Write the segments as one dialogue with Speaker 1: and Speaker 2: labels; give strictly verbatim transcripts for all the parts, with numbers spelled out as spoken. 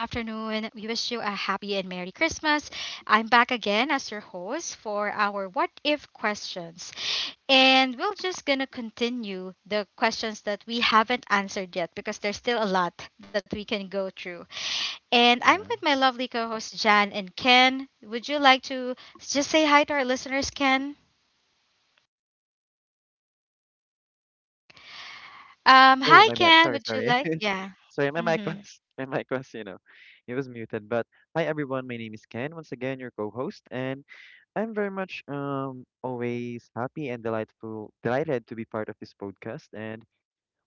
Speaker 1: We wish you a happy and Merry Christmas. I'm back again as your host for our What If questions. And we're just going to continue the questions that we haven't answered yet because there's still a lot that we can go through. And I'm
Speaker 2: Yeah.
Speaker 1: with my lovely co hosts, Jan and Ken. Would you like to just say hi to our listeners, Ken? Um,
Speaker 2: Oh,
Speaker 1: hi,
Speaker 2: my bad.
Speaker 1: Ken.
Speaker 2: Sorry,
Speaker 1: Would you
Speaker 2: sorry.
Speaker 1: like? Yeah.
Speaker 2: Sorry, my mic
Speaker 1: Mm-hmm.
Speaker 2: was my mic was, you know, it was muted. But hi everyone, my name is Ken, once again your co-host, and I'm very much um always happy and delightful delighted to be part of this podcast. And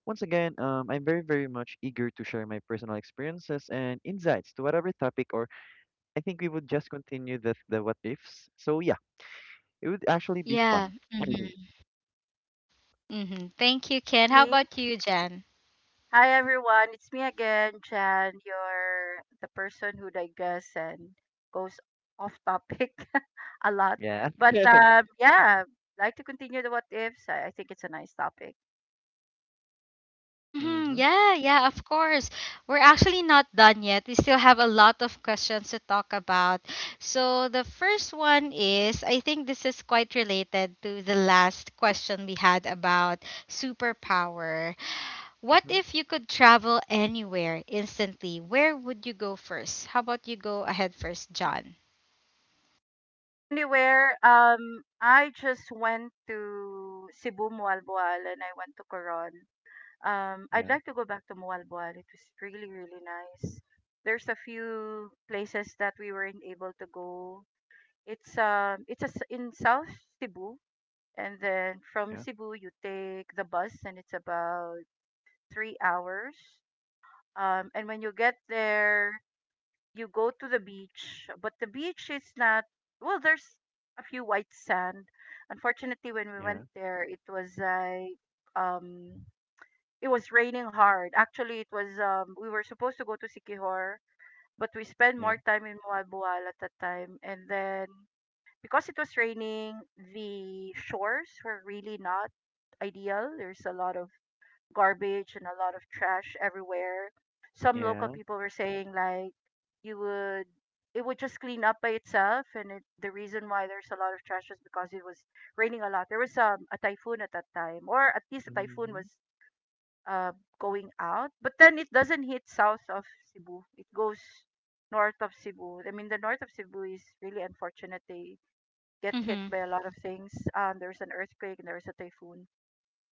Speaker 2: once again, um I'm very, very much eager to share my personal experiences and insights to whatever topic or I think we would just continue the the what ifs. So yeah, it would actually be
Speaker 1: Yeah.
Speaker 2: fun.
Speaker 1: Mm-hmm. Mm-hmm. Thank you, Ken. How
Speaker 3: Me?
Speaker 1: about you, Jan?
Speaker 3: Hi everyone, it's me again, Jan. You're the person who digests and goes off topic a lot.
Speaker 2: Yeah.
Speaker 3: But um, yeah, like to continue the what ifs. I, I think it's a nice topic.
Speaker 1: Mm-hmm.
Speaker 2: Mm-hmm.
Speaker 1: Yeah, yeah, of course. We're actually not done yet. We still have a lot of questions to talk about. So, the first one is I think this is quite related to the last question we had about superpower. What
Speaker 2: Mm-hmm.
Speaker 1: if you could travel anywhere instantly? Where would you go first? How about you go ahead first, John?
Speaker 3: Anywhere, um, I just went to Cebu, Mualboal, and I went to Coron. Um, I'd
Speaker 2: Yeah.
Speaker 3: like to go back to Mualboal. It was really, really nice. There's a few places that we weren't able to go. It's um, it's a, s- in South Cebu. And then from
Speaker 2: Yeah.
Speaker 3: Cebu, you take the bus, and it's about three hours. Um, and when you get there, you go to the beach, but the beach is not, well, there's a few white sand. Unfortunately, when we
Speaker 2: Yeah.
Speaker 3: went there, it was like, um, it was raining hard. Actually, it was, um, we were supposed to go to Sikihor, but we spent
Speaker 2: Yeah.
Speaker 3: more time in Mualbual at that time. And then because it was raining, the shores were really not ideal. There's a lot of garbage and a lot of trash everywhere. Some local
Speaker 2: Yeah.
Speaker 3: people were saying like you would, it would just clean up by itself and it, the reason why there's a lot of trash is because it was raining a lot. There was um, a typhoon at that time, or at least a typhoon
Speaker 2: Mm-hmm.
Speaker 3: was uh, going out. But then it doesn't hit south of Cebu. It goes north of Cebu. I mean the north of Cebu is really unfortunate. They get hit
Speaker 1: Mm-hmm.
Speaker 3: by a lot of things. Um, there was an earthquake and there was a typhoon.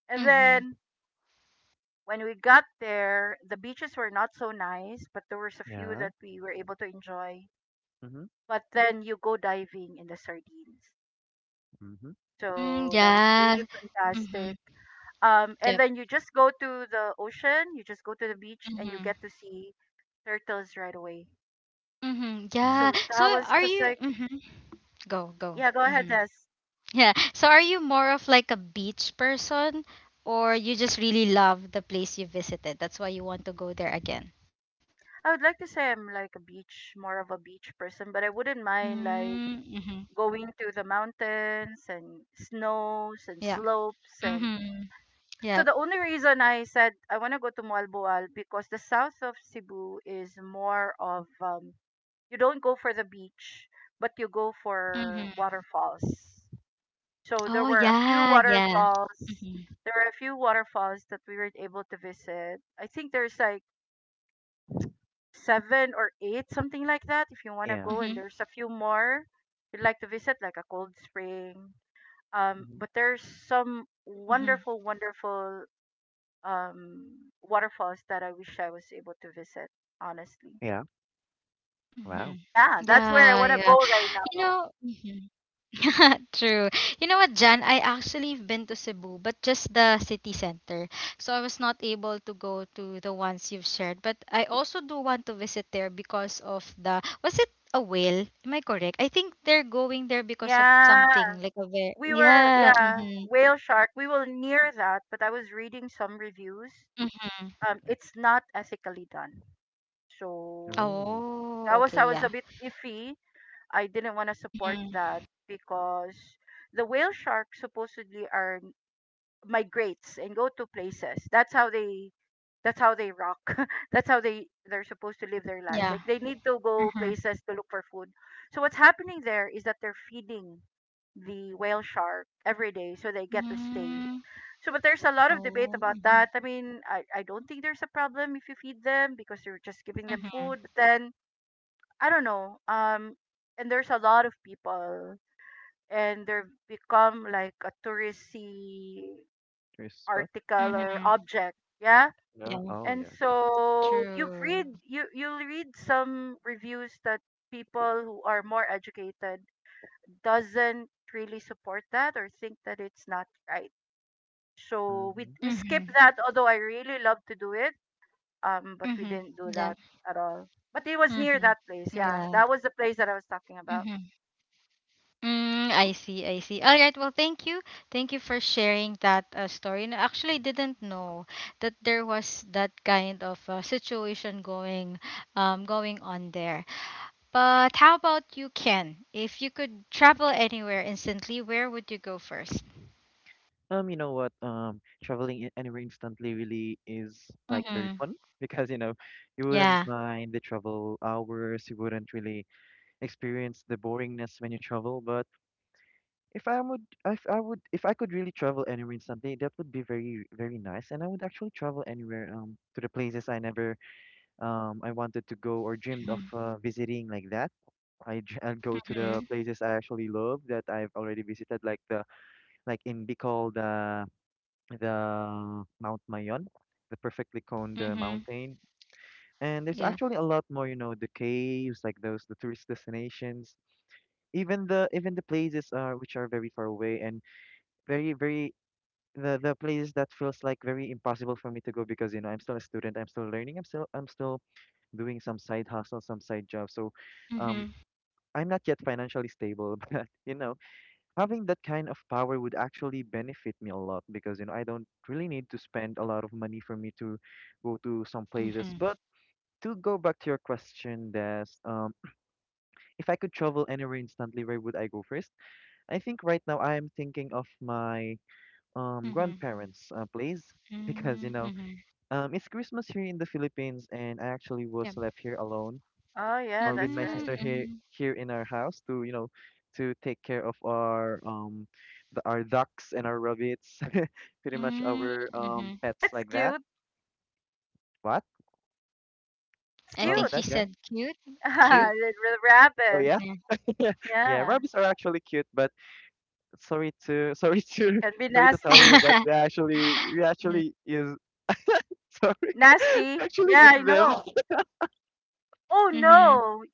Speaker 3: And
Speaker 1: Mm-hmm.
Speaker 3: then when we got there, the beaches were not so nice, but there was a few
Speaker 2: Yeah.
Speaker 3: that we were able to enjoy.
Speaker 2: Mm-hmm.
Speaker 3: But then you go diving in the sardines.
Speaker 2: Mm-hmm.
Speaker 1: Mm,
Speaker 3: So that was really
Speaker 1: yeah. Mm-hmm.
Speaker 3: fantastic. Um, and
Speaker 1: Yep.
Speaker 3: then you just go to the ocean, you just go to the beach, and you
Speaker 1: Mm-hmm.
Speaker 3: get to see turtles right away.
Speaker 1: Mm-hmm.
Speaker 2: Yeah.
Speaker 1: Yeah.
Speaker 3: So
Speaker 1: So
Speaker 3: that was
Speaker 1: are
Speaker 3: just
Speaker 1: you?
Speaker 3: like,
Speaker 1: Mm-hmm. Go, go.
Speaker 3: yeah, go ahead,
Speaker 1: Mm-hmm.
Speaker 3: Des.
Speaker 1: Yeah. So are you more of like a beach person, or you just really love the place you visited? That's why you want to go there again.
Speaker 3: I would like to say I'm like a beach, more of a beach person, but I wouldn't mind like
Speaker 1: Mm-hmm.
Speaker 3: going to the mountains and snows and
Speaker 1: Yeah.
Speaker 3: slopes and
Speaker 1: Mm-hmm.
Speaker 3: so
Speaker 1: Yeah.
Speaker 3: the only reason I said I want to go to Mualboal because the south of Cebu is more of um, you don't go for the beach but you go for
Speaker 1: Mm-hmm.
Speaker 3: waterfalls. So there
Speaker 1: Oh
Speaker 3: were a few
Speaker 1: yeah, yeah.
Speaker 3: waterfalls.
Speaker 1: Mm-hmm.
Speaker 3: There were a few waterfalls that we were able to visit. I think there's like seven or eight, something like that, if you want to
Speaker 2: Yeah.
Speaker 3: go. And
Speaker 1: Mm-hmm.
Speaker 3: there's a few more you'd like to visit, like a cold spring. Um,
Speaker 2: Mm-hmm.
Speaker 3: but there's some
Speaker 1: Mm-hmm.
Speaker 3: wonderful, wonderful um, waterfalls that I wish I was able to visit, honestly.
Speaker 2: Yeah.
Speaker 1: Mm-hmm.
Speaker 2: Wow.
Speaker 3: Yeah,
Speaker 1: Yeah,
Speaker 3: that's
Speaker 1: yeah.
Speaker 3: where I want to
Speaker 1: You
Speaker 3: go
Speaker 1: know.
Speaker 3: right now.
Speaker 1: Mhm. True. You know what, Jan? I actually have been to Cebu, but just the city center. So I was not able to go to the ones you've shared. But I also do want to visit there because of the was it a whale? Am I correct? I think they're going there because of
Speaker 3: Yeah,
Speaker 1: something like a whale.
Speaker 3: we were,
Speaker 1: Yeah.
Speaker 3: yeah,
Speaker 1: Mm-hmm.
Speaker 3: whale shark. We were near that, but I was reading some reviews.
Speaker 1: Mm-hmm.
Speaker 3: Um, it's not ethically done. So
Speaker 2: Oh,
Speaker 3: that
Speaker 1: Oh,
Speaker 3: was, I
Speaker 1: okay.
Speaker 3: was a
Speaker 1: Yeah.
Speaker 3: bit iffy. I didn't want to support that
Speaker 1: Mm-hmm.
Speaker 3: because the whale shark supposedly are migrates and go to places. That's how they that's how they rock. That's how they they're supposed to live their
Speaker 1: Yeah.
Speaker 3: life. Like they need to
Speaker 1: Mm-hmm.
Speaker 3: go places to look for food. So what's happening there is that they're feeding the whale shark every day so they get to stay.
Speaker 1: Mm-hmm.
Speaker 3: So but there's a lot of debate
Speaker 1: Oh.
Speaker 3: about
Speaker 1: Mm-hmm.
Speaker 3: that. I mean, I, I don't think there's a problem if you feed them because you're just giving them
Speaker 1: Mm-hmm.
Speaker 3: food. But then I don't know. Um and there's a lot of people and they've become like a touristy
Speaker 2: there's a spot.
Speaker 3: article or
Speaker 1: Mm-hmm.
Speaker 3: object. Yeah,
Speaker 2: Yeah.
Speaker 1: Yeah.
Speaker 2: Oh,
Speaker 3: and
Speaker 2: yeah. Okay.
Speaker 3: so you've read
Speaker 1: True.
Speaker 3: you you'll read some reviews that people who are more educated doesn't really support that or think that it's not right. So we
Speaker 2: Mm-hmm.
Speaker 3: we skip
Speaker 1: Mm-hmm.
Speaker 3: that although I really love to do it um but we
Speaker 1: Mm-hmm.
Speaker 3: didn't do
Speaker 1: Yeah.
Speaker 3: that at all. But it was near
Speaker 1: Mm-hmm.
Speaker 3: that place. Yeah,
Speaker 1: Yeah.
Speaker 3: that was the place that I was talking about.
Speaker 1: Mm-hmm. Mm, I see. I see. All right. Well, thank you. Thank you for sharing that uh, story. And I actually didn't know that there was that kind of uh, situation going, um, going on there. But how about you, Ken? If you could travel anywhere instantly, where would you go first?
Speaker 2: Um, you know what? Um, traveling i- anywhere instantly really is like very
Speaker 1: Mm-hmm.
Speaker 2: fun because you know you wouldn't
Speaker 1: Yeah.
Speaker 2: mind the travel hours. You wouldn't really experience the boringness when you travel. But if I would, if I would, if I could really travel anywhere instantly, that would be very, very nice. And I would actually travel anywhere um to the places I never um, I wanted to go or dreamed of
Speaker 1: Mm-hmm.
Speaker 2: uh, visiting like that. I dr- I'll go to the
Speaker 1: Mm-hmm.
Speaker 2: places I actually love that I've already visited, like the like in Bicol, the the Mount Mayon, the perfectly coned
Speaker 1: Mm-hmm.
Speaker 2: uh, mountain. And
Speaker 1: Yeah.
Speaker 2: there's actually a lot more, you know, the caves, like those the tourist destinations, even the even the places uh, which are very far away and very very the the places that feels like very impossible for me to go because you know I'm still a student, I'm still learning, I'm still I'm still doing some side hustle, some side job. So um,
Speaker 1: Mm-hmm.
Speaker 2: I'm not yet financially stable, but you know, having that kind of power would actually benefit me a lot because you know I don't really need to spend a lot of money for me to go to some places. But
Speaker 1: Mm-hmm.
Speaker 2: to go back to your question, Des, um, if I could travel anywhere instantly, where would I go first? I think right now I am thinking of my um,
Speaker 1: Mm-hmm.
Speaker 2: grandparents' uh, place because you know
Speaker 1: Mm-hmm.
Speaker 2: um, it's Christmas here in the Philippines, and I actually was
Speaker 1: Yep.
Speaker 2: left here alone
Speaker 3: Oh yeah,
Speaker 2: or with
Speaker 3: that's
Speaker 2: my
Speaker 3: right.
Speaker 2: sister here
Speaker 1: Mm-hmm.
Speaker 2: here in our house to you know to take care of our um the, our ducks and our rabbits pretty much
Speaker 1: Mm,
Speaker 2: our um
Speaker 1: hmm.
Speaker 2: pets
Speaker 3: That's
Speaker 2: like that.
Speaker 3: cute.
Speaker 2: what
Speaker 3: That's
Speaker 1: I
Speaker 2: what was
Speaker 3: cute.
Speaker 1: think she
Speaker 2: that, Jen?
Speaker 1: said cute.
Speaker 2: Cute?
Speaker 1: Cute.
Speaker 3: The
Speaker 2: Oh
Speaker 3: rabbit.
Speaker 2: yeah.
Speaker 1: Yeah.
Speaker 2: Yeah,
Speaker 3: Yeah.
Speaker 2: rabbits are actually cute, but sorry to sorry to
Speaker 3: Can be
Speaker 2: sorry to tell
Speaker 3: nasty.
Speaker 2: you, but we actually we
Speaker 1: Mhm.
Speaker 2: actually is sorry we
Speaker 3: Nasty.
Speaker 2: actually eat
Speaker 3: Yeah, I
Speaker 2: them.
Speaker 3: know. Oh
Speaker 1: Mhm.
Speaker 3: no.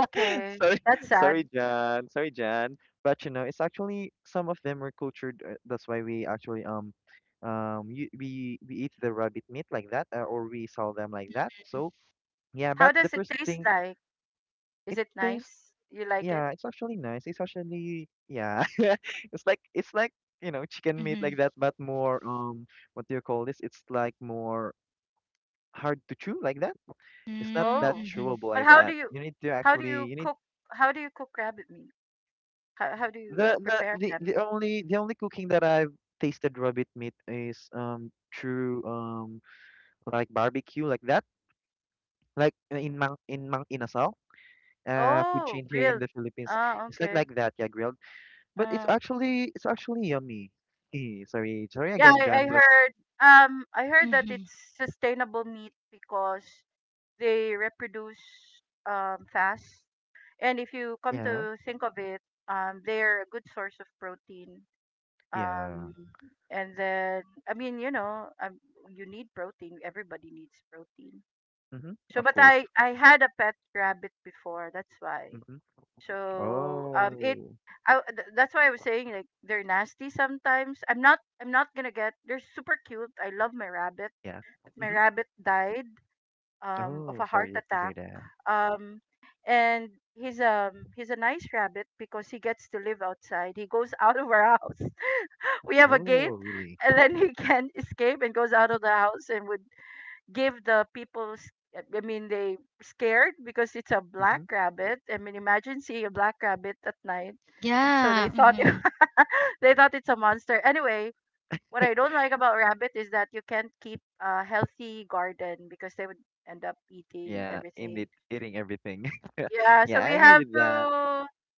Speaker 2: Sorry,
Speaker 3: That's
Speaker 2: sorry,
Speaker 3: sad.
Speaker 2: Jan. Sorry, Jan. But you know, it's actually some of them were cultured. uh, That's why we actually um um you, we we eat the rabbit meat like that, uh, or we sell them like that. So yeah,
Speaker 3: How
Speaker 2: but the
Speaker 3: does it
Speaker 2: first
Speaker 3: taste
Speaker 2: thing
Speaker 3: like? Is
Speaker 2: it
Speaker 3: it
Speaker 2: tastes
Speaker 3: nice? You like it?
Speaker 2: yeah, it's actually nice. It's actually yeah, it's like it's like you know chicken meat like
Speaker 1: Mhm.
Speaker 2: that, but more um what do you call this? It's like more hard to chew like that. It's not
Speaker 1: Mm,
Speaker 2: that
Speaker 3: Oh.
Speaker 1: Mhm.
Speaker 2: chewable
Speaker 3: But
Speaker 2: like
Speaker 3: how do
Speaker 2: that.
Speaker 3: you
Speaker 2: You need to
Speaker 3: how do
Speaker 2: actually
Speaker 3: you
Speaker 2: you
Speaker 3: cook how do you cook rabbit meat? How how do you
Speaker 2: The the
Speaker 3: prepare
Speaker 2: the
Speaker 3: them?
Speaker 2: the only the only cooking that I've tasted rabbit meat is um through um like barbecue like that like uh, in Mang in Mang Inasal uh food
Speaker 3: Oh,
Speaker 2: chain here in
Speaker 3: grilled.
Speaker 2: the Philippines.
Speaker 3: Ah,
Speaker 2: It's like
Speaker 3: okay.
Speaker 2: like that, yeah, grilled, but it's
Speaker 3: Uh,
Speaker 2: actually it's actually yummy. Eh, sorry sorry
Speaker 3: yeah,
Speaker 2: again,
Speaker 3: I,
Speaker 2: John,
Speaker 3: I
Speaker 2: but
Speaker 3: heard um I heard that
Speaker 1: Mhm.
Speaker 3: it's sustainable meat because they reproduce um fast. And if you come
Speaker 2: yeah
Speaker 3: to think of it, um they're a good source of protein
Speaker 2: yeah
Speaker 3: um and then I mean you know um, you need protein, everybody needs protein.
Speaker 2: mm-hmm,
Speaker 3: So
Speaker 2: of
Speaker 3: but
Speaker 2: course.
Speaker 3: i i had a pet rabbit before, that's why.
Speaker 2: Mm-hmm.
Speaker 3: So um it
Speaker 2: Oh
Speaker 3: I, th- that's why I was saying like they're nasty sometimes. I'm not i'm not gonna get, they're super cute, I love my rabbit,
Speaker 2: yeah.
Speaker 3: but my
Speaker 2: Mm-hmm.
Speaker 3: rabbit died um of
Speaker 2: Oh,
Speaker 3: a heart
Speaker 2: sorry to hear
Speaker 3: attack.
Speaker 2: that.
Speaker 3: um and he's um he's a nice rabbit because he gets to live outside. He goes out of our house, we have a gate,
Speaker 2: Oh really.
Speaker 3: and then he can escape and goes out of the house and would give the people s- I mean they scared because it's a black
Speaker 2: Mm-hmm.
Speaker 3: rabbit. I mean imagine seeing a black rabbit at night. So
Speaker 1: Yeah.
Speaker 3: they thought it-
Speaker 1: Mhm.
Speaker 3: they thought it's a monster. Anyway, what I don't like about rabbit is that you can't keep a healthy garden because they would end up eating
Speaker 2: Yeah,
Speaker 3: everything.
Speaker 2: indeed eating everything.
Speaker 3: Yeah, so
Speaker 2: Yeah, I
Speaker 3: we
Speaker 2: agree
Speaker 3: have
Speaker 2: with
Speaker 3: to
Speaker 2: that.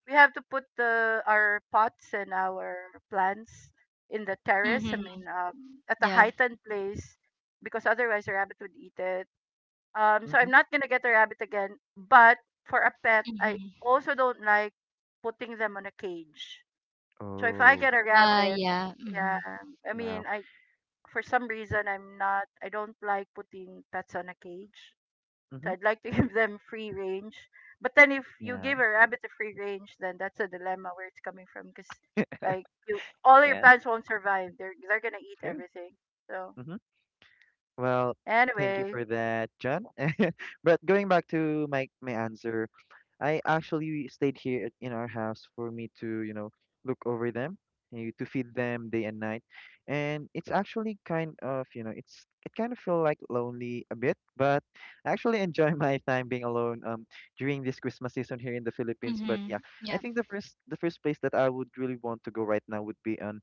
Speaker 3: we have to put the our pots and our plants in the terrace. I
Speaker 1: Mhm.
Speaker 3: mean, um, at a
Speaker 1: Yeah.
Speaker 3: heightened place because otherwise the rabbit would eat it. Um, so
Speaker 2: Mhm.
Speaker 3: I'm not gonna get a rabbit again. But for a pet, I
Speaker 1: Mhm.
Speaker 3: also don't like putting them on a cage. So if I
Speaker 2: Oh,
Speaker 3: get a
Speaker 1: Uh,
Speaker 3: rabbit,
Speaker 1: yeah.
Speaker 3: yeah,
Speaker 1: Mhm.
Speaker 3: I
Speaker 2: wow.
Speaker 3: mean, I for some reason I'm not I don't like putting pets on a cage. So
Speaker 2: Mhm.
Speaker 3: I'd like to give them free range. But then if you
Speaker 2: Yeah.
Speaker 3: give a rabbit a free range, then that's a dilemma where it's coming from because like you all your
Speaker 2: Yeah,
Speaker 3: plants won't survive. They're they're gonna eat
Speaker 2: true.
Speaker 3: everything. So
Speaker 2: Mhm. Well, thank you
Speaker 3: anyway,
Speaker 2: for that, John. But going back to my my answer, I actually stayed here at- in our house for me to, you know, look over them, eh, to feed them day and night. And it's actually kind of, you know, it's it kind of feel like lonely a bit, but I actually enjoy my time being alone um during this Christmas season here in the Philippines. But yeah,
Speaker 1: Mhm.
Speaker 2: I
Speaker 1: Yeah.
Speaker 2: think the first the first place that I would really want to go right now would be on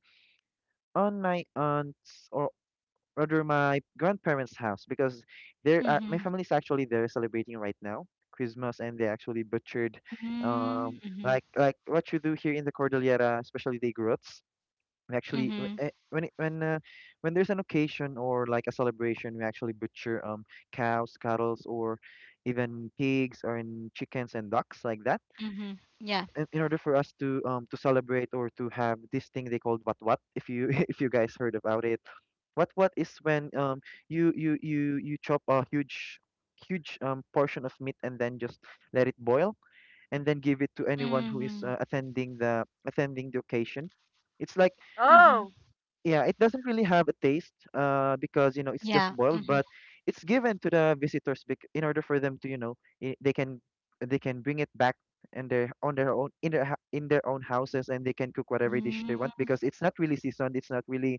Speaker 2: on my aunt's or rather my grandparents' house because they're uh, my
Speaker 1: Mhm.
Speaker 2: family's actually there celebrating right now Christmas, and they actually butchered um
Speaker 1: Mm, Mhm.
Speaker 2: like like what you do here in the Cordillera, especially the Igorots. We actually w-
Speaker 1: Mhm.
Speaker 2: eh, when it- when uh, When there's an occasion or like a celebration, we actually butcher um cows, cattle, or even pigs or in chickens and ducks like that
Speaker 1: Mhm. Yeah.
Speaker 2: in, in order for us to um to celebrate or to have this thing they called, what? what if you If you guys heard about it, what what is when um you you you you chop a huge huge um portion of meat, and then just let it boil, and then give it to anyone
Speaker 1: Mhm.
Speaker 2: who is uh, attending the attending the occasion. It's like
Speaker 1: Mhm.
Speaker 3: oh,
Speaker 2: yeah, it doesn't really have a taste uh because you know it's
Speaker 1: Yeah.
Speaker 2: just boiled,
Speaker 1: Mhm.
Speaker 2: but it's given to the visitors bec- in order for them to you know I they can they can bring it back and their on their own in their hou- in their own houses, and they can cook whatever dish they want
Speaker 1: Mm,
Speaker 2: because it's not really seasoned, it's not really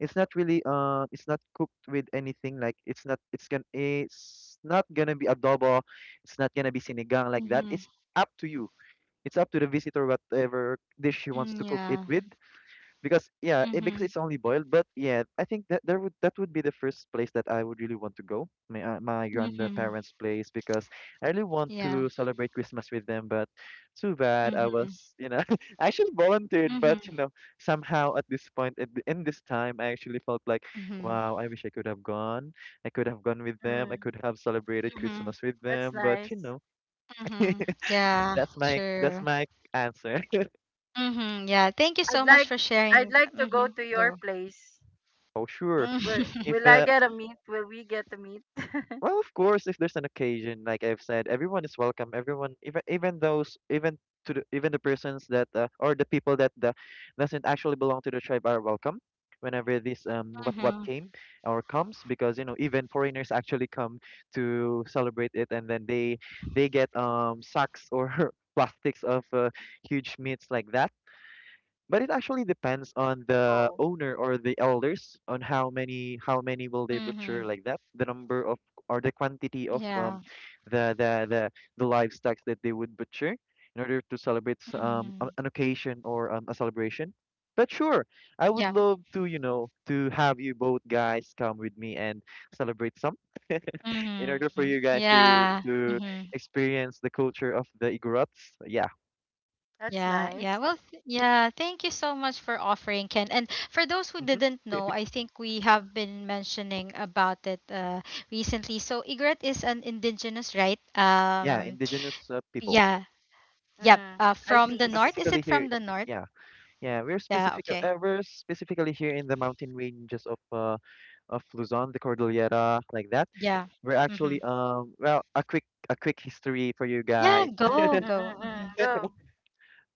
Speaker 2: it's not really uh it's not cooked with anything. Like it's not it's gonna it's not gonna be adobo, it's not gonna be sinigang, like that.
Speaker 1: Mhm.
Speaker 2: It's up to you, it's up to the visitor whatever dish he wants to
Speaker 1: Mm,
Speaker 2: cook it
Speaker 1: Yeah.
Speaker 2: with, because yeah, it, because
Speaker 1: Mhm.
Speaker 2: it's only boiled. But yeah, I think that there would that would be the first place that I would really want to go, my uh, my
Speaker 1: Mhm.
Speaker 2: grandparents' place, because I really want
Speaker 1: Yeah.
Speaker 2: to celebrate Christmas with them. But too bad I
Speaker 1: Mhm.
Speaker 2: was, you know, I actually volunteered,
Speaker 1: Mhm.
Speaker 2: but you know, somehow at this point, at the, in this time, I actually felt like,
Speaker 1: Mhm.
Speaker 2: wow, I wish I could have gone. I could have gone with them. I
Speaker 3: mm,
Speaker 2: could have celebrated
Speaker 1: Mm-hmm.
Speaker 2: Christmas with
Speaker 3: that's
Speaker 2: them. But you
Speaker 3: nice.
Speaker 2: know,
Speaker 1: Mm-hmm. Yeah,
Speaker 2: that's my that's
Speaker 1: true.
Speaker 2: my answer.
Speaker 1: Mm-hmm. Yeah, thank you
Speaker 3: I'd
Speaker 1: so much
Speaker 3: like
Speaker 1: for
Speaker 3: I'd
Speaker 1: sharing that.
Speaker 3: like to go
Speaker 1: Mm-hmm.
Speaker 3: to your
Speaker 1: Go.
Speaker 3: place.
Speaker 2: Oh, sure.
Speaker 3: Will
Speaker 2: If
Speaker 3: will I
Speaker 2: uh,
Speaker 3: get a meat? Will we get a meat?
Speaker 2: Well, of course, if there's an occasion, like I've said, everyone is welcome. Everyone, even even those, even to the, even the persons that uh, or the people that the, doesn't actually belong to the tribe are welcome whenever this um what what
Speaker 1: Mm-hmm.
Speaker 2: came or comes, because you know even foreigners actually come to celebrate it, and then they they get um sacks or plastics of uh, huge meats like that. But it actually depends on the
Speaker 3: Whoa,
Speaker 2: owner or the elders on how many how many will they
Speaker 1: Mm-hmm. Mm-hmm.
Speaker 2: butcher like that, the number of or the quantity of um
Speaker 1: Yeah.
Speaker 2: the the the, the livestock that they would butcher in order to celebrate s- um a-
Speaker 1: Mm-hmm.
Speaker 2: an occasion or um, a celebration. But sure, I would
Speaker 1: Yeah.
Speaker 2: love to you know to have you both guys come with me and celebrate some in order for
Speaker 1: Mm-hmm.
Speaker 2: you guys to
Speaker 1: Yeah.
Speaker 2: to
Speaker 1: Mm-hmm.
Speaker 2: experience the culture of the Igorots, yeah.
Speaker 3: that's
Speaker 1: Yeah, yeah.
Speaker 3: nice.
Speaker 1: Well, th- yeah, thank you so much for offering, Ken. And for those who
Speaker 2: Hmm,
Speaker 1: didn't know, I think we have been mentioning about it uh, recently. So, Igret is an indigenous, right?
Speaker 2: yeah,
Speaker 1: Um,
Speaker 2: indigenous uh, people,
Speaker 1: yeah, yep.
Speaker 3: Mm,
Speaker 1: Uh, from the
Speaker 3: eyepiece.
Speaker 1: north. Is
Speaker 2: specifically
Speaker 1: it from
Speaker 2: here,
Speaker 1: the north?
Speaker 2: yeah. Yeah, we're
Speaker 1: Yeah,
Speaker 2: specific
Speaker 1: okay.
Speaker 2: uh, we're specifically here in the mountain ranges of uh of Luzon, the Cordillera, like that.
Speaker 1: Yeah.
Speaker 2: We're
Speaker 1: Hmm.
Speaker 2: actually um well, a quick a quick history for you
Speaker 1: Yeah,
Speaker 2: guys.
Speaker 3: Mm,
Speaker 1: go, go.
Speaker 3: mm, mm, mm.
Speaker 1: Hmm.
Speaker 3: Go.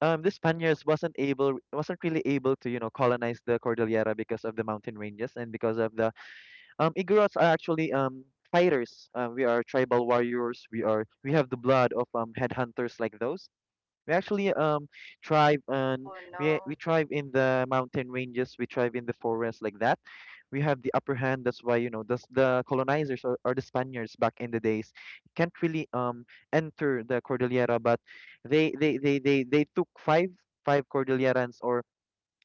Speaker 2: um The Spaniards wasn't able wasn't really able to you know colonize the Cordillera because of the mountain ranges and because of the um Igorots. Are actually um fighters. Uh, we are tribal warriors, we are, we have the blood of um headhunters, like those. We actually um thrive on
Speaker 3: Oh
Speaker 2: we
Speaker 3: no.
Speaker 2: we thrive in the mountain ranges, we thrive in the forest, like that. We have the upper hand. That's why you know the s- the colonizers or, or the Spaniards back in the days can't really um enter the Cordillera, but they they they they, they took five five Cordilleras or,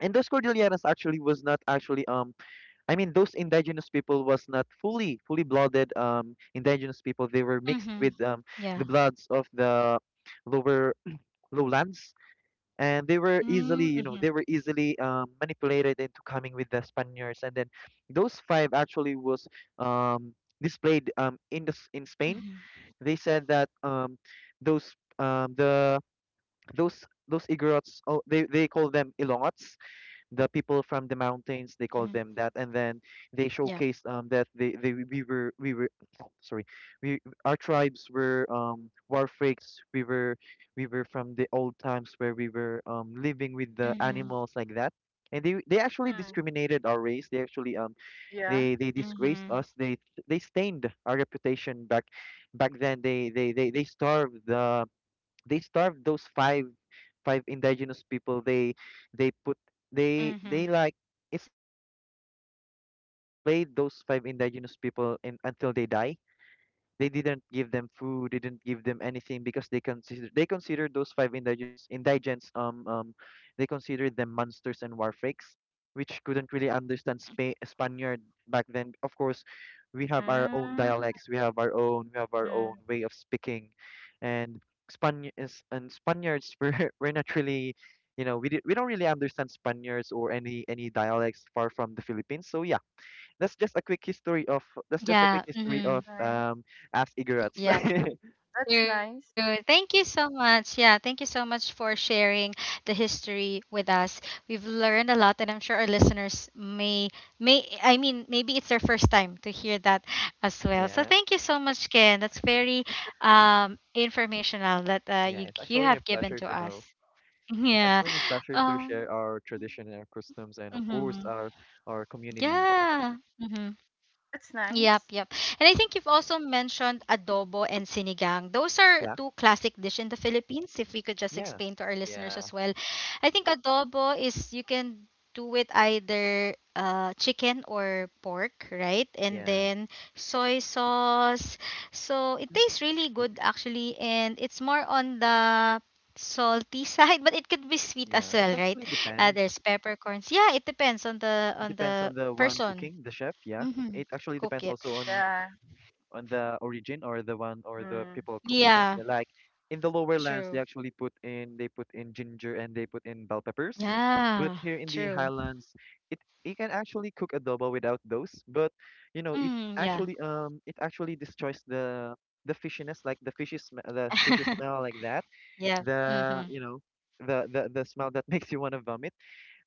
Speaker 2: and those Cordilleras actually was not actually um I mean, those indigenous people was not fully fully blooded um indigenous people. They were mixed
Speaker 1: Hmm.
Speaker 2: with um the
Speaker 1: Yeah.
Speaker 2: bloods of the lower lowlands, and they were easily
Speaker 1: Mm,
Speaker 2: you know
Speaker 1: hmm.
Speaker 2: they were easily um, manipulated into coming with the Spaniards. And then those five actually was um, displayed, um, in the s- in Spain.
Speaker 1: Hmm.
Speaker 2: They said that um, those um, the those those Igorots, oh, they they call them Ilongots, the people from the mountains, they call
Speaker 1: Hmm.
Speaker 2: them that. And then they
Speaker 1: Yeah.
Speaker 2: showcased um that they, they, we were we were sorry, we, our tribes were um war freaks. We were, we were from the old times where we were um living with
Speaker 1: Hmm.
Speaker 2: the animals like that. And they they actually
Speaker 3: Mm,
Speaker 2: discriminated our race. They actually um
Speaker 3: yeah.
Speaker 2: they they disgraced
Speaker 1: Hmm.
Speaker 2: us, they they stained our reputation. Back back then, they they they, they starved the, they starved those five, five indigenous people. They they put they
Speaker 1: Hmm.
Speaker 2: they like It's like they, um they displayed those five indigenous people in, until they die. They didn't give them food, they didn't give them anything, because they consider they considered those five indigenous indigents um um they considered them monsters and war freaks, which couldn't really understand Spa Spaniard back then. Of course, we have our own
Speaker 3: Mm.
Speaker 2: dialects, we have our own, we have our own
Speaker 3: Mm,
Speaker 2: way of speaking, and Span is and Spaniards were were not really, you know, we did, we don't really understand Spaniards or any any dialects far from the Philippines. So yeah, that's just a quick history of that's just a quick
Speaker 1: Yeah.
Speaker 2: history of
Speaker 1: Hmm.
Speaker 3: nice.
Speaker 2: um as Igorots.
Speaker 1: Yeah.
Speaker 3: That's nice.
Speaker 1: True. Thank you so much. Yeah, thank you so much for sharing the history with us. We've learned a lot, and I'm sure our listeners may may I mean maybe it's their first time to hear that as well. So
Speaker 2: Yeah,
Speaker 1: thank you so much, Ken. That's very
Speaker 3: Definitely.
Speaker 1: um informational that uh,
Speaker 2: yeah.
Speaker 1: you
Speaker 2: It's
Speaker 1: you
Speaker 2: actually my
Speaker 1: have given
Speaker 2: pleasure
Speaker 1: to
Speaker 2: to
Speaker 1: us.
Speaker 2: know. It's
Speaker 1: Yeah.
Speaker 2: actually my pleasure to
Speaker 1: Um,
Speaker 2: share our tradition,
Speaker 1: mhm.
Speaker 2: our customs, and of course our
Speaker 1: Yeah.
Speaker 2: our
Speaker 1: Mhm.
Speaker 2: community.
Speaker 1: Yep, yep.
Speaker 3: That's
Speaker 1: And I think you've
Speaker 3: nice.
Speaker 1: also mentioned adobo and sinigang. Those are two classic
Speaker 2: Yeah,
Speaker 1: dish in the Philippines. If we could just explain to our
Speaker 2: yeah,
Speaker 1: listeners as well.
Speaker 2: yeah,
Speaker 1: I think adobo is you can do it either uh, chicken or pork, right? And
Speaker 2: yeah.
Speaker 1: then soy sauce. So it
Speaker 2: Hmm.
Speaker 1: tastes really good actually, and it's more on the salty side, but it could be sweet
Speaker 2: Yeah,
Speaker 1: as
Speaker 2: it
Speaker 1: well, right?
Speaker 2: actually
Speaker 1: Uh,
Speaker 2: depends.
Speaker 1: there's peppercorns. Yeah, it depends on the
Speaker 2: It
Speaker 1: on
Speaker 2: depends on
Speaker 1: the
Speaker 2: the one
Speaker 1: person.
Speaker 2: cooking, the chef. Yeah,
Speaker 1: Mm-hmm.
Speaker 2: it actually
Speaker 1: Cook
Speaker 2: depends
Speaker 1: it.
Speaker 2: also on
Speaker 3: Yeah.
Speaker 2: on the origin or the one or the
Speaker 3: Mm.
Speaker 2: people cooking it.
Speaker 1: Yeah,
Speaker 2: They're like in the lower lands, they
Speaker 1: true.
Speaker 2: actually put in, they put in ginger and they put in bell peppers, but
Speaker 1: Yeah,
Speaker 2: here in the
Speaker 1: true.
Speaker 2: highlands, it you can actually cook adobo without those. But you know, it
Speaker 1: Mm, yeah.
Speaker 2: actually um it actually destroys the the fishiness, like the fishy sm the fishy smell like that.
Speaker 1: Yeah.
Speaker 2: The,
Speaker 1: Mm-hmm.
Speaker 2: you know, the the the smell that makes you want to vomit.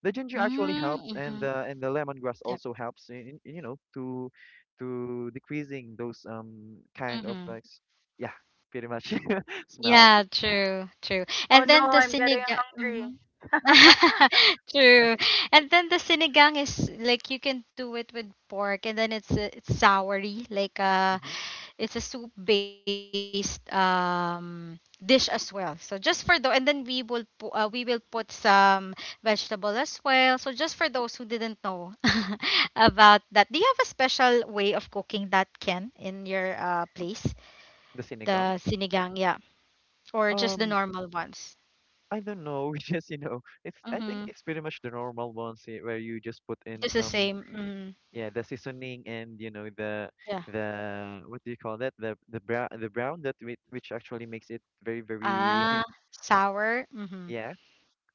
Speaker 2: The ginger actually helps, and
Speaker 1: Mm-hmm.
Speaker 2: the, and the lemongrass
Speaker 1: Yep.
Speaker 2: also helps in, in you know, to to decreasing those um kind of
Speaker 1: Mm-hmm.
Speaker 2: like s- yeah, pretty much smells.
Speaker 1: Yeah, true, true.
Speaker 3: Oh
Speaker 1: And
Speaker 3: no,
Speaker 1: then the
Speaker 3: I'm getting
Speaker 1: sinigang.
Speaker 3: hungry.
Speaker 1: Mm-hmm. True. And then the sinigang is like you can do it with pork and then it's uh, it's soury like uh
Speaker 2: Mhm.
Speaker 1: It's a soup based um dish as well. So just for those, and then we will pu- uh, we will put some vegetable as well. So just for those who didn't know about that, do you have a special way of cooking that Ken in your uh, place?
Speaker 2: The
Speaker 1: The
Speaker 2: sinigang,
Speaker 1: sinigang, yeah, or just the
Speaker 2: um
Speaker 1: normal ones?
Speaker 2: I don't know, just, you know, it's, I think
Speaker 1: Mm-hmm.
Speaker 2: it's pretty much the normal ones, eh, where you just put in
Speaker 1: Just the
Speaker 2: some,
Speaker 1: same. Mm,
Speaker 2: yeah, the seasoning, and you know, the
Speaker 1: yeah.
Speaker 2: the what do you call that, the the brown, the brown that whi- which actually makes it very,
Speaker 1: Ah,
Speaker 2: very
Speaker 1: sour. Mm-hmm.
Speaker 2: yeah,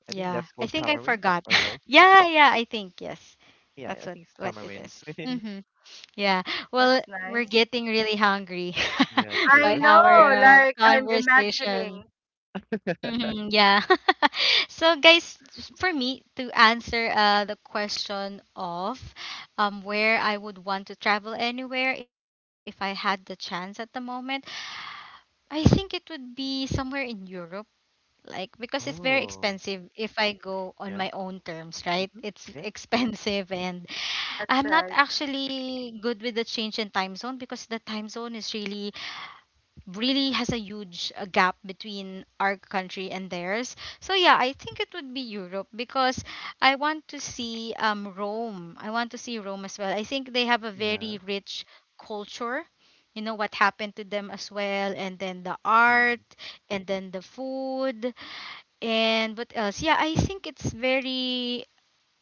Speaker 2: I think
Speaker 1: Yeah,
Speaker 2: that's
Speaker 1: I
Speaker 2: called
Speaker 1: think I
Speaker 2: tamarind
Speaker 1: forgot.
Speaker 2: or no.
Speaker 1: Yeah, yeah, I think yes.
Speaker 2: Yeah,
Speaker 1: That's
Speaker 2: I
Speaker 1: what
Speaker 2: think it's
Speaker 1: what it
Speaker 2: tamarind.
Speaker 1: is. Mm-hmm. Yeah. Well,
Speaker 3: That's
Speaker 1: we're
Speaker 3: nice.
Speaker 1: getting really hungry
Speaker 2: Yeah,
Speaker 3: I
Speaker 1: by
Speaker 2: true.
Speaker 3: know,
Speaker 1: our uh,
Speaker 3: like I'm
Speaker 1: conversation.
Speaker 3: imagining.
Speaker 1: Mhm, yeah. So, guys, for me to answer uh, the question of um, where I would want to travel anywhere if I had the chance at the moment, I think it would be somewhere in Europe. Like, because it's very
Speaker 2: Oh,
Speaker 1: expensive if I go on
Speaker 2: yeah.
Speaker 1: my own terms, right?
Speaker 2: Mm-hmm.
Speaker 1: It's
Speaker 2: Yeah,
Speaker 1: expensive and
Speaker 3: That's
Speaker 1: I'm not
Speaker 3: right.
Speaker 1: actually good with the change in time zone because the time zone is really, really has a huge uh, gap between our country and theirs. So yeah, I think it would be Europe because I want to see um Rome. I want to see Rome as well. I think they have a
Speaker 2: yeah.
Speaker 1: very rich culture. You know what happened to them as well, and then the art,
Speaker 2: Mm-hmm.
Speaker 1: and then the food, and what else? Yeah, I think it's very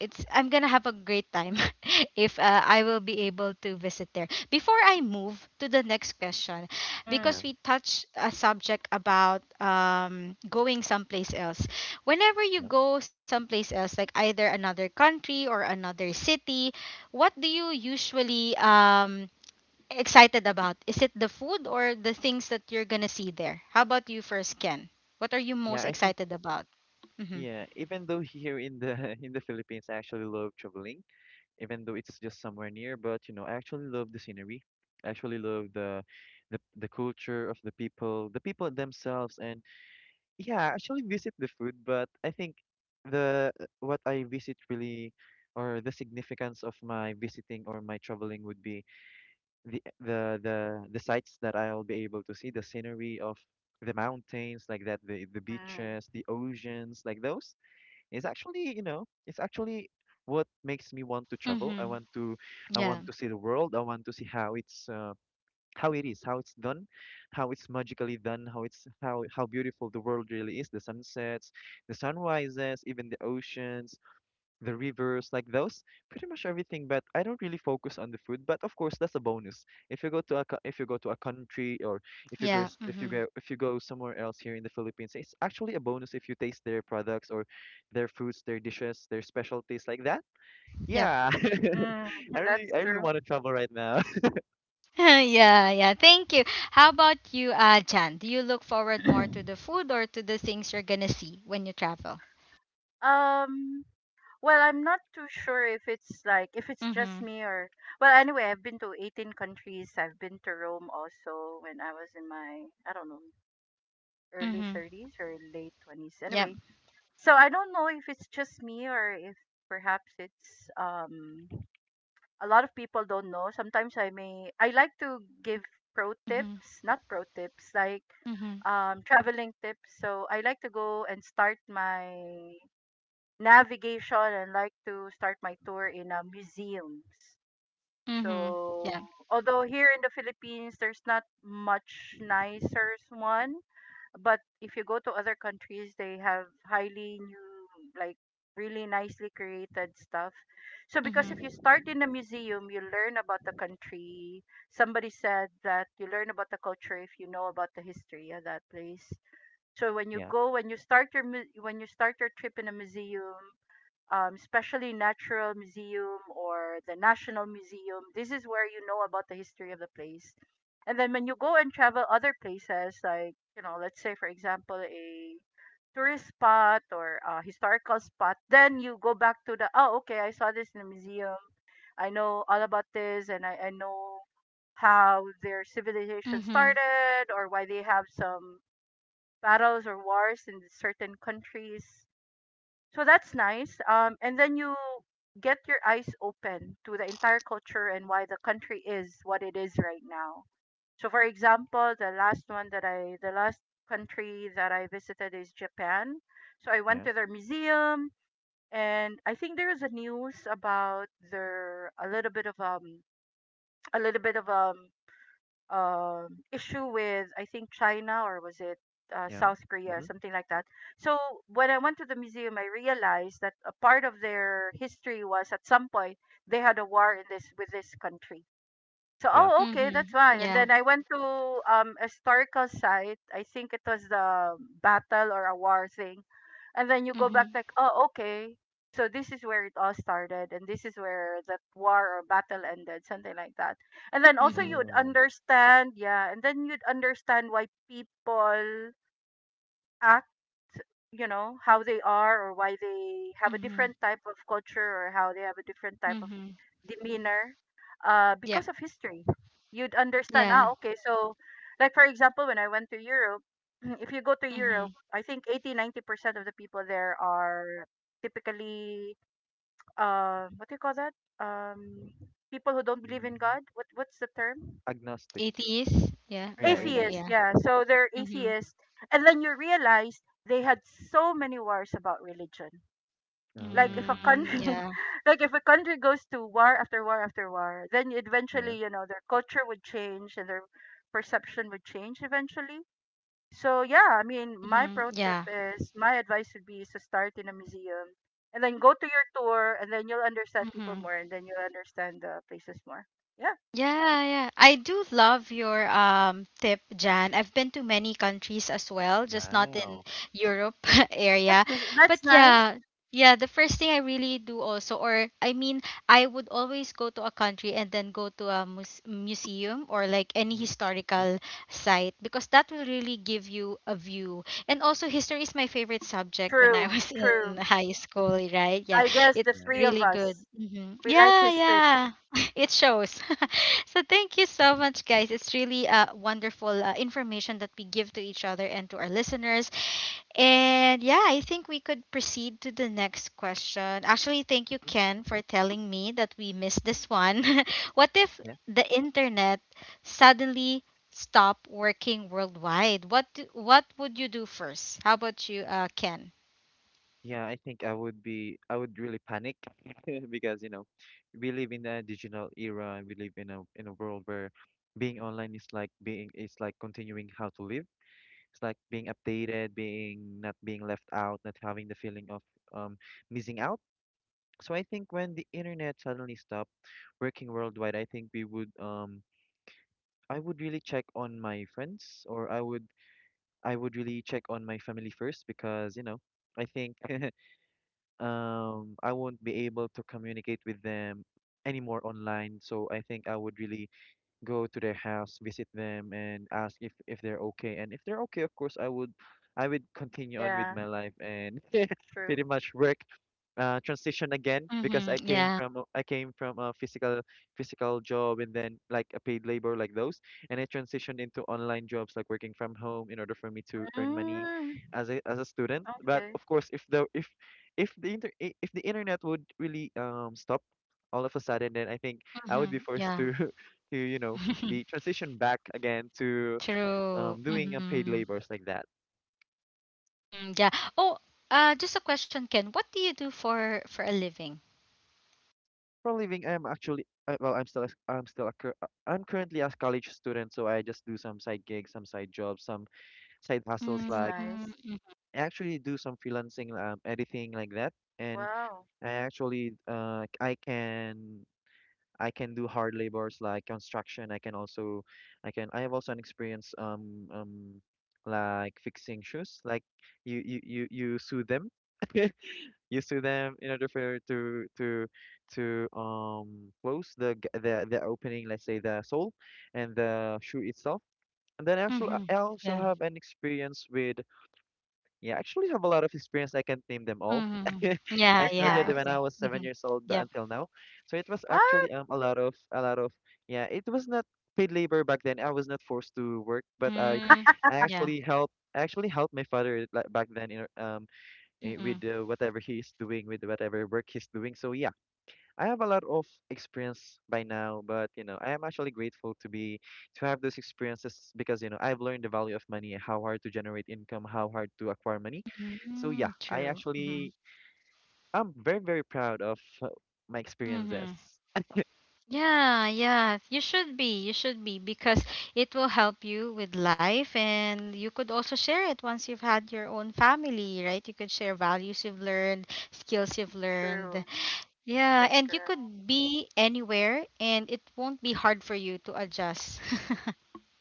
Speaker 1: it's I'm gonna have a great time if uh, I will be able to visit there. Before I move to the next question, because
Speaker 3: Mm,
Speaker 2: Yeah,
Speaker 1: we touched a subject about um, going someplace else. Whenever you
Speaker 2: yeah.
Speaker 1: go someplace else, like either another country or another city, what do you usually um, excited about? Is it the food or the things that you're gonna see there? How about you first, Ken? What are you
Speaker 2: Yeah,
Speaker 1: most
Speaker 2: I think,
Speaker 1: excited about? Mm-hmm.
Speaker 2: yeah, even though here in the in the Philippines, I actually love traveling, even though it's just somewhere near, but you know, I actually love the scenery. I actually love the, the the culture of the people, the people themselves, and yeah, I actually visit the food, but I think the, what I visit really, or the significance of my visiting or my traveling would be the, the the the sights that I'll be able to see, the scenery of the mountains like that, the the
Speaker 3: mm,
Speaker 2: beaches, the oceans, like those, is actually, you know, it's actually what makes me want to travel. I
Speaker 1: Mm-hmm.
Speaker 2: want to, I want
Speaker 1: Yeah.
Speaker 2: to see the world. I want to see how it's uh, how it is, how it's done, how it's magically done, how it's, how how beautiful the world really is, the sunsets, the sunrises, even the oceans, the rivers, like those, pretty much everything. But I don't really focus on the food. But of course, that's a bonus. If you go to a co- if you go to a country, or if you go
Speaker 1: Yeah.
Speaker 2: s- if you
Speaker 1: Mm-hmm.
Speaker 2: go if you go somewhere else here in the Philippines, it's actually a bonus if you taste their products or their foods, their dishes, their specialties like that.
Speaker 1: Yep.
Speaker 2: Yeah,
Speaker 3: mm,
Speaker 2: I really,
Speaker 3: that's
Speaker 2: I really
Speaker 3: true.
Speaker 2: want to travel right now.
Speaker 1: Yeah, yeah. Thank you. How about you, uh, Jan? Do you look forward more to the food or to the things you're gonna see when you travel?
Speaker 3: Um, well, I'm not too sure if it's like if it's just
Speaker 1: Mm-hmm.
Speaker 3: me or well, anyway, I've been to eighteen countries. I've been to Rome also when I was in my, I don't know, early
Speaker 1: Mm-hmm.
Speaker 3: thirties or late twenties.
Speaker 1: Yep.
Speaker 3: Anyway, so I don't know if it's just me or if perhaps it's um a lot of people don't know. Sometimes I may I like to give pro
Speaker 1: Mm-hmm.
Speaker 3: tips, not pro tips, like
Speaker 1: Mm-hmm.
Speaker 3: um traveling tips. So I like to go and start my navigation and like to start my tour in uh, museums.
Speaker 1: Mm-hmm. Yeah.
Speaker 3: So although here in the Philippines there's not much nicer one, but if you go to other countries they have highly new like really nicely created stuff. So because if
Speaker 1: Mm-hmm.
Speaker 3: you start in a museum you learn about the country. Somebody said that you learn about the culture if you know about the history of that place. So when you
Speaker 2: Yeah,
Speaker 3: go when you start your mu- when you start your trip in a museum, um, especially Natural Museum or the National Museum. This is where you know about the history of the place. And then when you go and travel other places, like, you know, let's say, for example, a tourist spot or a historical spot, then you go back to the, oh, okay, I saw this in the museum. I know all about this and I, I know how their civilization
Speaker 1: Mm-hmm.
Speaker 3: started or why they have some battles or wars in certain countries. So that's nice. Um, and then you get your eyes open to the entire culture and why the country is what it is right now. So for example, the last one that I the last country that I visited is Japan. So I went
Speaker 2: yeah,
Speaker 3: to their museum, and I think there is a news about their a little bit of um a little bit of um um, issue with I think China or was it uh,
Speaker 2: yeah,
Speaker 3: South Korea,
Speaker 2: mm-hmm,
Speaker 3: something like that. So when I went to the museum, I realized that a part of their history was at some point they had a war in this with this country. So,
Speaker 2: yeah.
Speaker 3: oh, okay,
Speaker 1: Mm-hmm.
Speaker 3: that's why. And then
Speaker 1: Yeah.
Speaker 3: I went to um a historical site. I think it was the battle or a war thing. And then you go back
Speaker 1: Mm-hmm.
Speaker 3: like, oh, okay. So this is where it all started, and this is where that war or battle ended, something like that. And then also you
Speaker 1: Mm-hmm.
Speaker 3: would
Speaker 2: Oh,
Speaker 3: understand, yeah. And then you'd understand why people act, you know, how they are, or why they have a different
Speaker 1: Mm-hmm.
Speaker 3: type of culture, or how they have a different type of
Speaker 1: Mm-hmm.
Speaker 3: demeanor, uh, because
Speaker 1: Yep.
Speaker 3: of history. You'd understand, ah,
Speaker 1: Yeah.
Speaker 3: okay. So, like, for example, when I went to Europe. If you go to
Speaker 1: Mm-hmm.
Speaker 3: Europe, I think eighty, ninety percent of the people there are typically, uh, what do you call that um, people who don't believe in
Speaker 2: hmm,
Speaker 3: God. What what's the term?
Speaker 2: agnostic.
Speaker 1: Eighties. Yeah.
Speaker 2: Yeah,
Speaker 1: Or like
Speaker 3: Atheist,
Speaker 2: atheist.
Speaker 1: yeah.
Speaker 3: yeah, so they're
Speaker 1: Mm-hmm.
Speaker 3: atheist. And then you realize they had so many wars about religion. Like if a
Speaker 2: Oh,
Speaker 1: Mm,
Speaker 3: country
Speaker 1: yeah.
Speaker 3: like if a country goes to war after war after war, then
Speaker 2: yeah.
Speaker 3: eventually, you know, their culture would change and their perception would change eventually. So yeah, I mean, my
Speaker 1: Mm-hmm.
Speaker 3: pro tip
Speaker 1: Yeah.
Speaker 3: is my advice would be is to start in a museum, and then go to your tour, and then you'll understand
Speaker 1: Mm-hmm.
Speaker 3: people more, and then you'll understand the places more. Yeah.
Speaker 1: Yeah, yeah. I do love your um tip, Jan. I've been to many countries as well, just not in
Speaker 2: Wow.
Speaker 1: Europe
Speaker 3: that's
Speaker 1: area.
Speaker 3: that's
Speaker 1: But
Speaker 3: nice.
Speaker 1: yeah, yeah, the first thing I really do also or I mean, I would always go to a country and then go to a mus museum or like any
Speaker 2: Hmm.
Speaker 1: historical site because that will really give you a view. And also history is my favorite subject when I
Speaker 3: true
Speaker 1: was in
Speaker 3: true
Speaker 1: high school, right? Yeah.
Speaker 3: I guess the
Speaker 1: It's
Speaker 2: Yeah.
Speaker 3: three of
Speaker 1: really good.
Speaker 3: us.
Speaker 1: Hmm.
Speaker 3: We like
Speaker 1: Yeah,
Speaker 3: history.
Speaker 1: yeah. It shows. So thank you so much, guys. It's really uh, wonderful uh, information that we give to each other and to our listeners. And yeah, I think we could proceed to the next question. Actually, thank you, Ken, for telling me that we missed this one. What if
Speaker 2: Yeah.
Speaker 1: the internet suddenly stopped working worldwide? What do, what would you do first? How about you, uh, Ken?
Speaker 2: Yeah, I think I would be, I would really panic because, you know, we live in a digital era, and we live in a, in a world where being online is like being, is like continuing how to live. It's like being updated, being, not being left out, not having the feeling of um missing out. So I think when the internet suddenly stopped working worldwide, I think we would um I would really check on my friends, or I would, I would really check on my family first, because, you know, I think um, I won't be able to communicate with them anymore online. So I think I would really go to their house, visit them, and ask if if they're okay. And if they're okay, of course, I would, I would continue on with
Speaker 3: Yeah,
Speaker 2: my life, and
Speaker 3: true.
Speaker 2: pretty much work, uh, transition again, because I
Speaker 1: Mm-hmm,
Speaker 2: came
Speaker 1: yeah.
Speaker 2: from a- I came from a physical, physical job, and then like a paid labor like those, and I transitioned into online jobs like working from home in order for me to earn money
Speaker 3: Mm,
Speaker 2: as a, as a student. But
Speaker 3: okay.
Speaker 2: of course, if the if if the inter i- if the internet would really um stop all of a sudden, then I think I would
Speaker 1: Mm-hmm,
Speaker 2: be forced
Speaker 1: yeah.
Speaker 2: to to, you know, be transitioned back again to
Speaker 1: True.
Speaker 2: um doing a
Speaker 1: Mm-hmm.
Speaker 2: paid labors like that.
Speaker 1: Mm-hmm. Yeah. Oh, uh, just a question, Ken. What do you do for for a living?
Speaker 2: For a living, I'm actually I, well, I'm still a, I'm still a, cur- uh, I'm currently a college student, so I just do some side gigs, some side jobs, some side hustles.
Speaker 3: That's
Speaker 2: Like,
Speaker 3: nice.
Speaker 1: Mm-hmm.
Speaker 2: I actually do some freelancing, um, editing like that, and
Speaker 3: Wow.
Speaker 2: I actually uh I can, I can do hard labors like construction. I can also, I can, I have also an experience um um like fixing shoes. Like, you you you you sew them, you sew them in order for to, to to um close the g- the the opening. Let's say the sole and the shoe itself. And then actually,
Speaker 1: Mm-hmm.
Speaker 2: I also
Speaker 1: Yeah.
Speaker 2: have an experience with, yeah, I actually have a lot of experience. I can't name them all.
Speaker 1: Mm-hmm. Yeah.
Speaker 2: I
Speaker 3: That's
Speaker 2: started
Speaker 1: Yeah.
Speaker 2: when
Speaker 3: nice.
Speaker 2: I
Speaker 1: Okay.
Speaker 2: was seven
Speaker 1: Mm-hmm.
Speaker 2: years old, but
Speaker 1: Yep.
Speaker 2: until now, so it was
Speaker 3: What?
Speaker 2: actually um a lot of, a lot of, yeah. It was not paid labor back then. I was not forced to work, but I
Speaker 1: Mm,
Speaker 2: I
Speaker 1: yeah.
Speaker 2: actually helped. I actually helped my father like, back then in, um eh,
Speaker 1: Mm-hmm.
Speaker 2: with uh, whatever he is doing, with whatever work he's doing. So yeah, I have a lot of experience by now, but you know, I am actually grateful to be, to have those experiences, because you know, I've learned the value of money, how hard to generate income, how hard to acquire money. So
Speaker 1: Mm-hmm.
Speaker 2: yeah, I
Speaker 1: True. Mm-hmm.
Speaker 2: actually, I'm very, very proud of uh, my
Speaker 1: Mm-hmm.
Speaker 2: experiences.
Speaker 1: Yeah. Yeah. You should be. You should be because it will help you with life, and you could also share it once you've had your own family, right? You could share values you've learned, skills you've learned.
Speaker 3: True.
Speaker 1: Yeah,
Speaker 3: That's
Speaker 1: and you
Speaker 3: correct.
Speaker 1: could be anywhere and it won't be hard for you to adjust.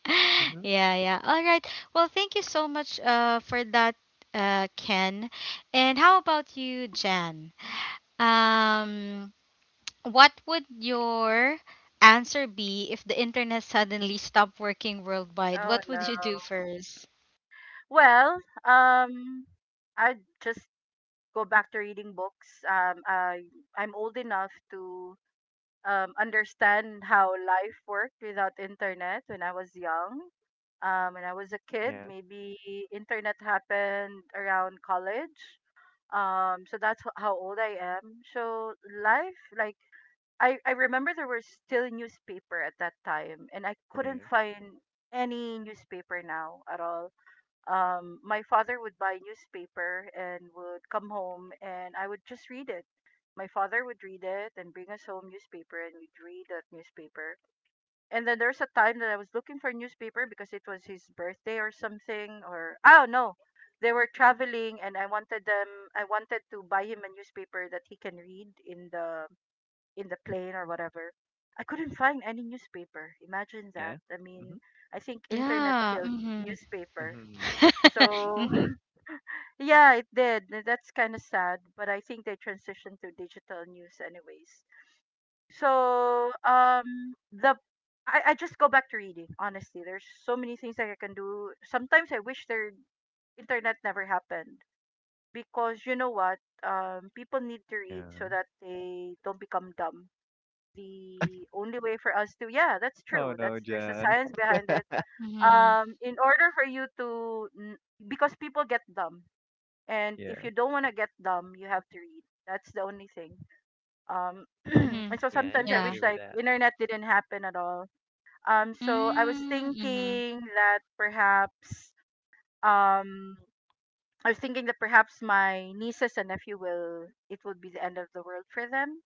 Speaker 2: Mm-hmm.
Speaker 1: Yeah, yeah. All right. Well, thank you so much uh for that uh Ken. And how about you, Jan? Um what would your answer be if the internet suddenly stopped working worldwide?
Speaker 3: Oh
Speaker 1: What
Speaker 3: no.
Speaker 1: would you do first?
Speaker 3: Well, um I just go back to reading books. Um I I'm old enough to um, understand how life worked without internet when I was young. Um, when I was a kid,
Speaker 2: Yeah.
Speaker 3: maybe internet happened around college. Um, so that's wh- how old I am. So life, like, I, I remember there was still newspaper at that time, and I couldn't
Speaker 2: Yeah.
Speaker 3: find any newspaper now at all. Um, my father would buy newspaper and would come home and I would just read it. My father would read it and bring us home newspaper and we'd read that newspaper. And then there's a time that I was looking for a newspaper because it was his birthday or something, or oh no, they were traveling and I wanted them, I wanted to buy him a newspaper that he can read in the in the plane or whatever. I couldn't find any newspaper. Imagine that.
Speaker 2: Yeah.
Speaker 3: I mean,
Speaker 2: Mm-hmm.
Speaker 3: I think internet
Speaker 1: Yeah.
Speaker 3: killed
Speaker 1: Mhm.
Speaker 3: newspaper.
Speaker 2: Mm-hmm.
Speaker 3: So
Speaker 1: Mhm.
Speaker 3: yeah, it did. Th- That's kind of sad, but I think they transitioned to digital news anyways. So, um, the I, I just go back to reading, honestly. There's so many things that I can do. Sometimes I wish their internet never happened, because you know what? Um, people need to read so
Speaker 2: Yeah.
Speaker 3: that they don't become dumb. The only way for us to, yeah, that's
Speaker 2: Oh
Speaker 3: true. That's,
Speaker 2: no,
Speaker 3: there's a
Speaker 2: Jan.
Speaker 3: science behind it,
Speaker 1: Mhm.
Speaker 3: um in order for you to, n- because people get dumb, and if
Speaker 2: Yeah.
Speaker 3: you don't want to get dumb you have to read. That's the only thing. um
Speaker 1: Mhm.
Speaker 3: and so
Speaker 2: Yeah, I
Speaker 3: sometimes
Speaker 2: need
Speaker 3: I
Speaker 2: to
Speaker 1: Yeah.
Speaker 3: wish
Speaker 2: agree with
Speaker 3: like
Speaker 2: that.
Speaker 3: internet didn't happen at all. Um so I was
Speaker 1: Mm, Mhm.
Speaker 3: thinking that perhaps, um i was thinking that perhaps my nieces and nephew will, it would be the end of the world for them.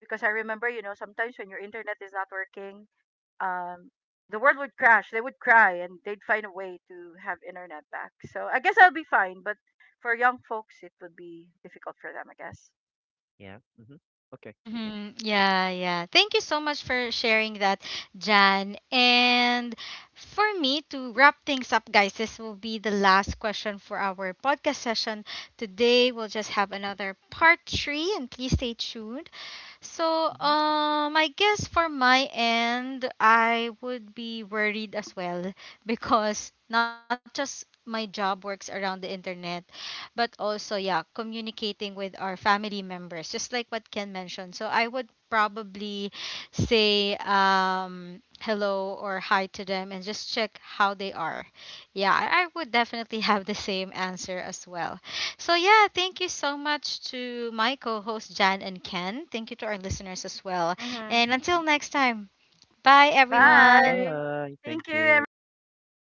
Speaker 3: Because I remember, you know, sometimes when your internet is not working, um, the world would crash. They would cry, and they'd find a way to have internet back. So I guess I'll be fine. But for young folks, it would be difficult for them, I guess.
Speaker 2: Yeah. Mm-hmm. Okay.
Speaker 1: Mm-hmm. Yeah, yeah. Thank you so much for sharing that, Jan. And for me to wrap things up, guys, this will be the last question for our podcast session today. We'll just have another part three, and please stay tuned. So,
Speaker 2: Mm-hmm.
Speaker 1: um, I guess for my end, I would be worried as well, because not just my job works around the internet, but also, yeah, communicating with our family members, just like what Ken mentioned. So I would probably say um hello or hi to them and just check how they are. Yeah, i I would definitely have the same answer as well. So yeah, thank you so much to my co-host Jan and Ken. Thank you to our listeners as well.
Speaker 3: Mm-hmm.
Speaker 1: And
Speaker 2: Mhm.
Speaker 1: until next time, bye everyone.
Speaker 3: Bye.
Speaker 2: Goodbye.
Speaker 3: Thank
Speaker 2: Thank
Speaker 3: you,
Speaker 2: you.
Speaker 3: everybody.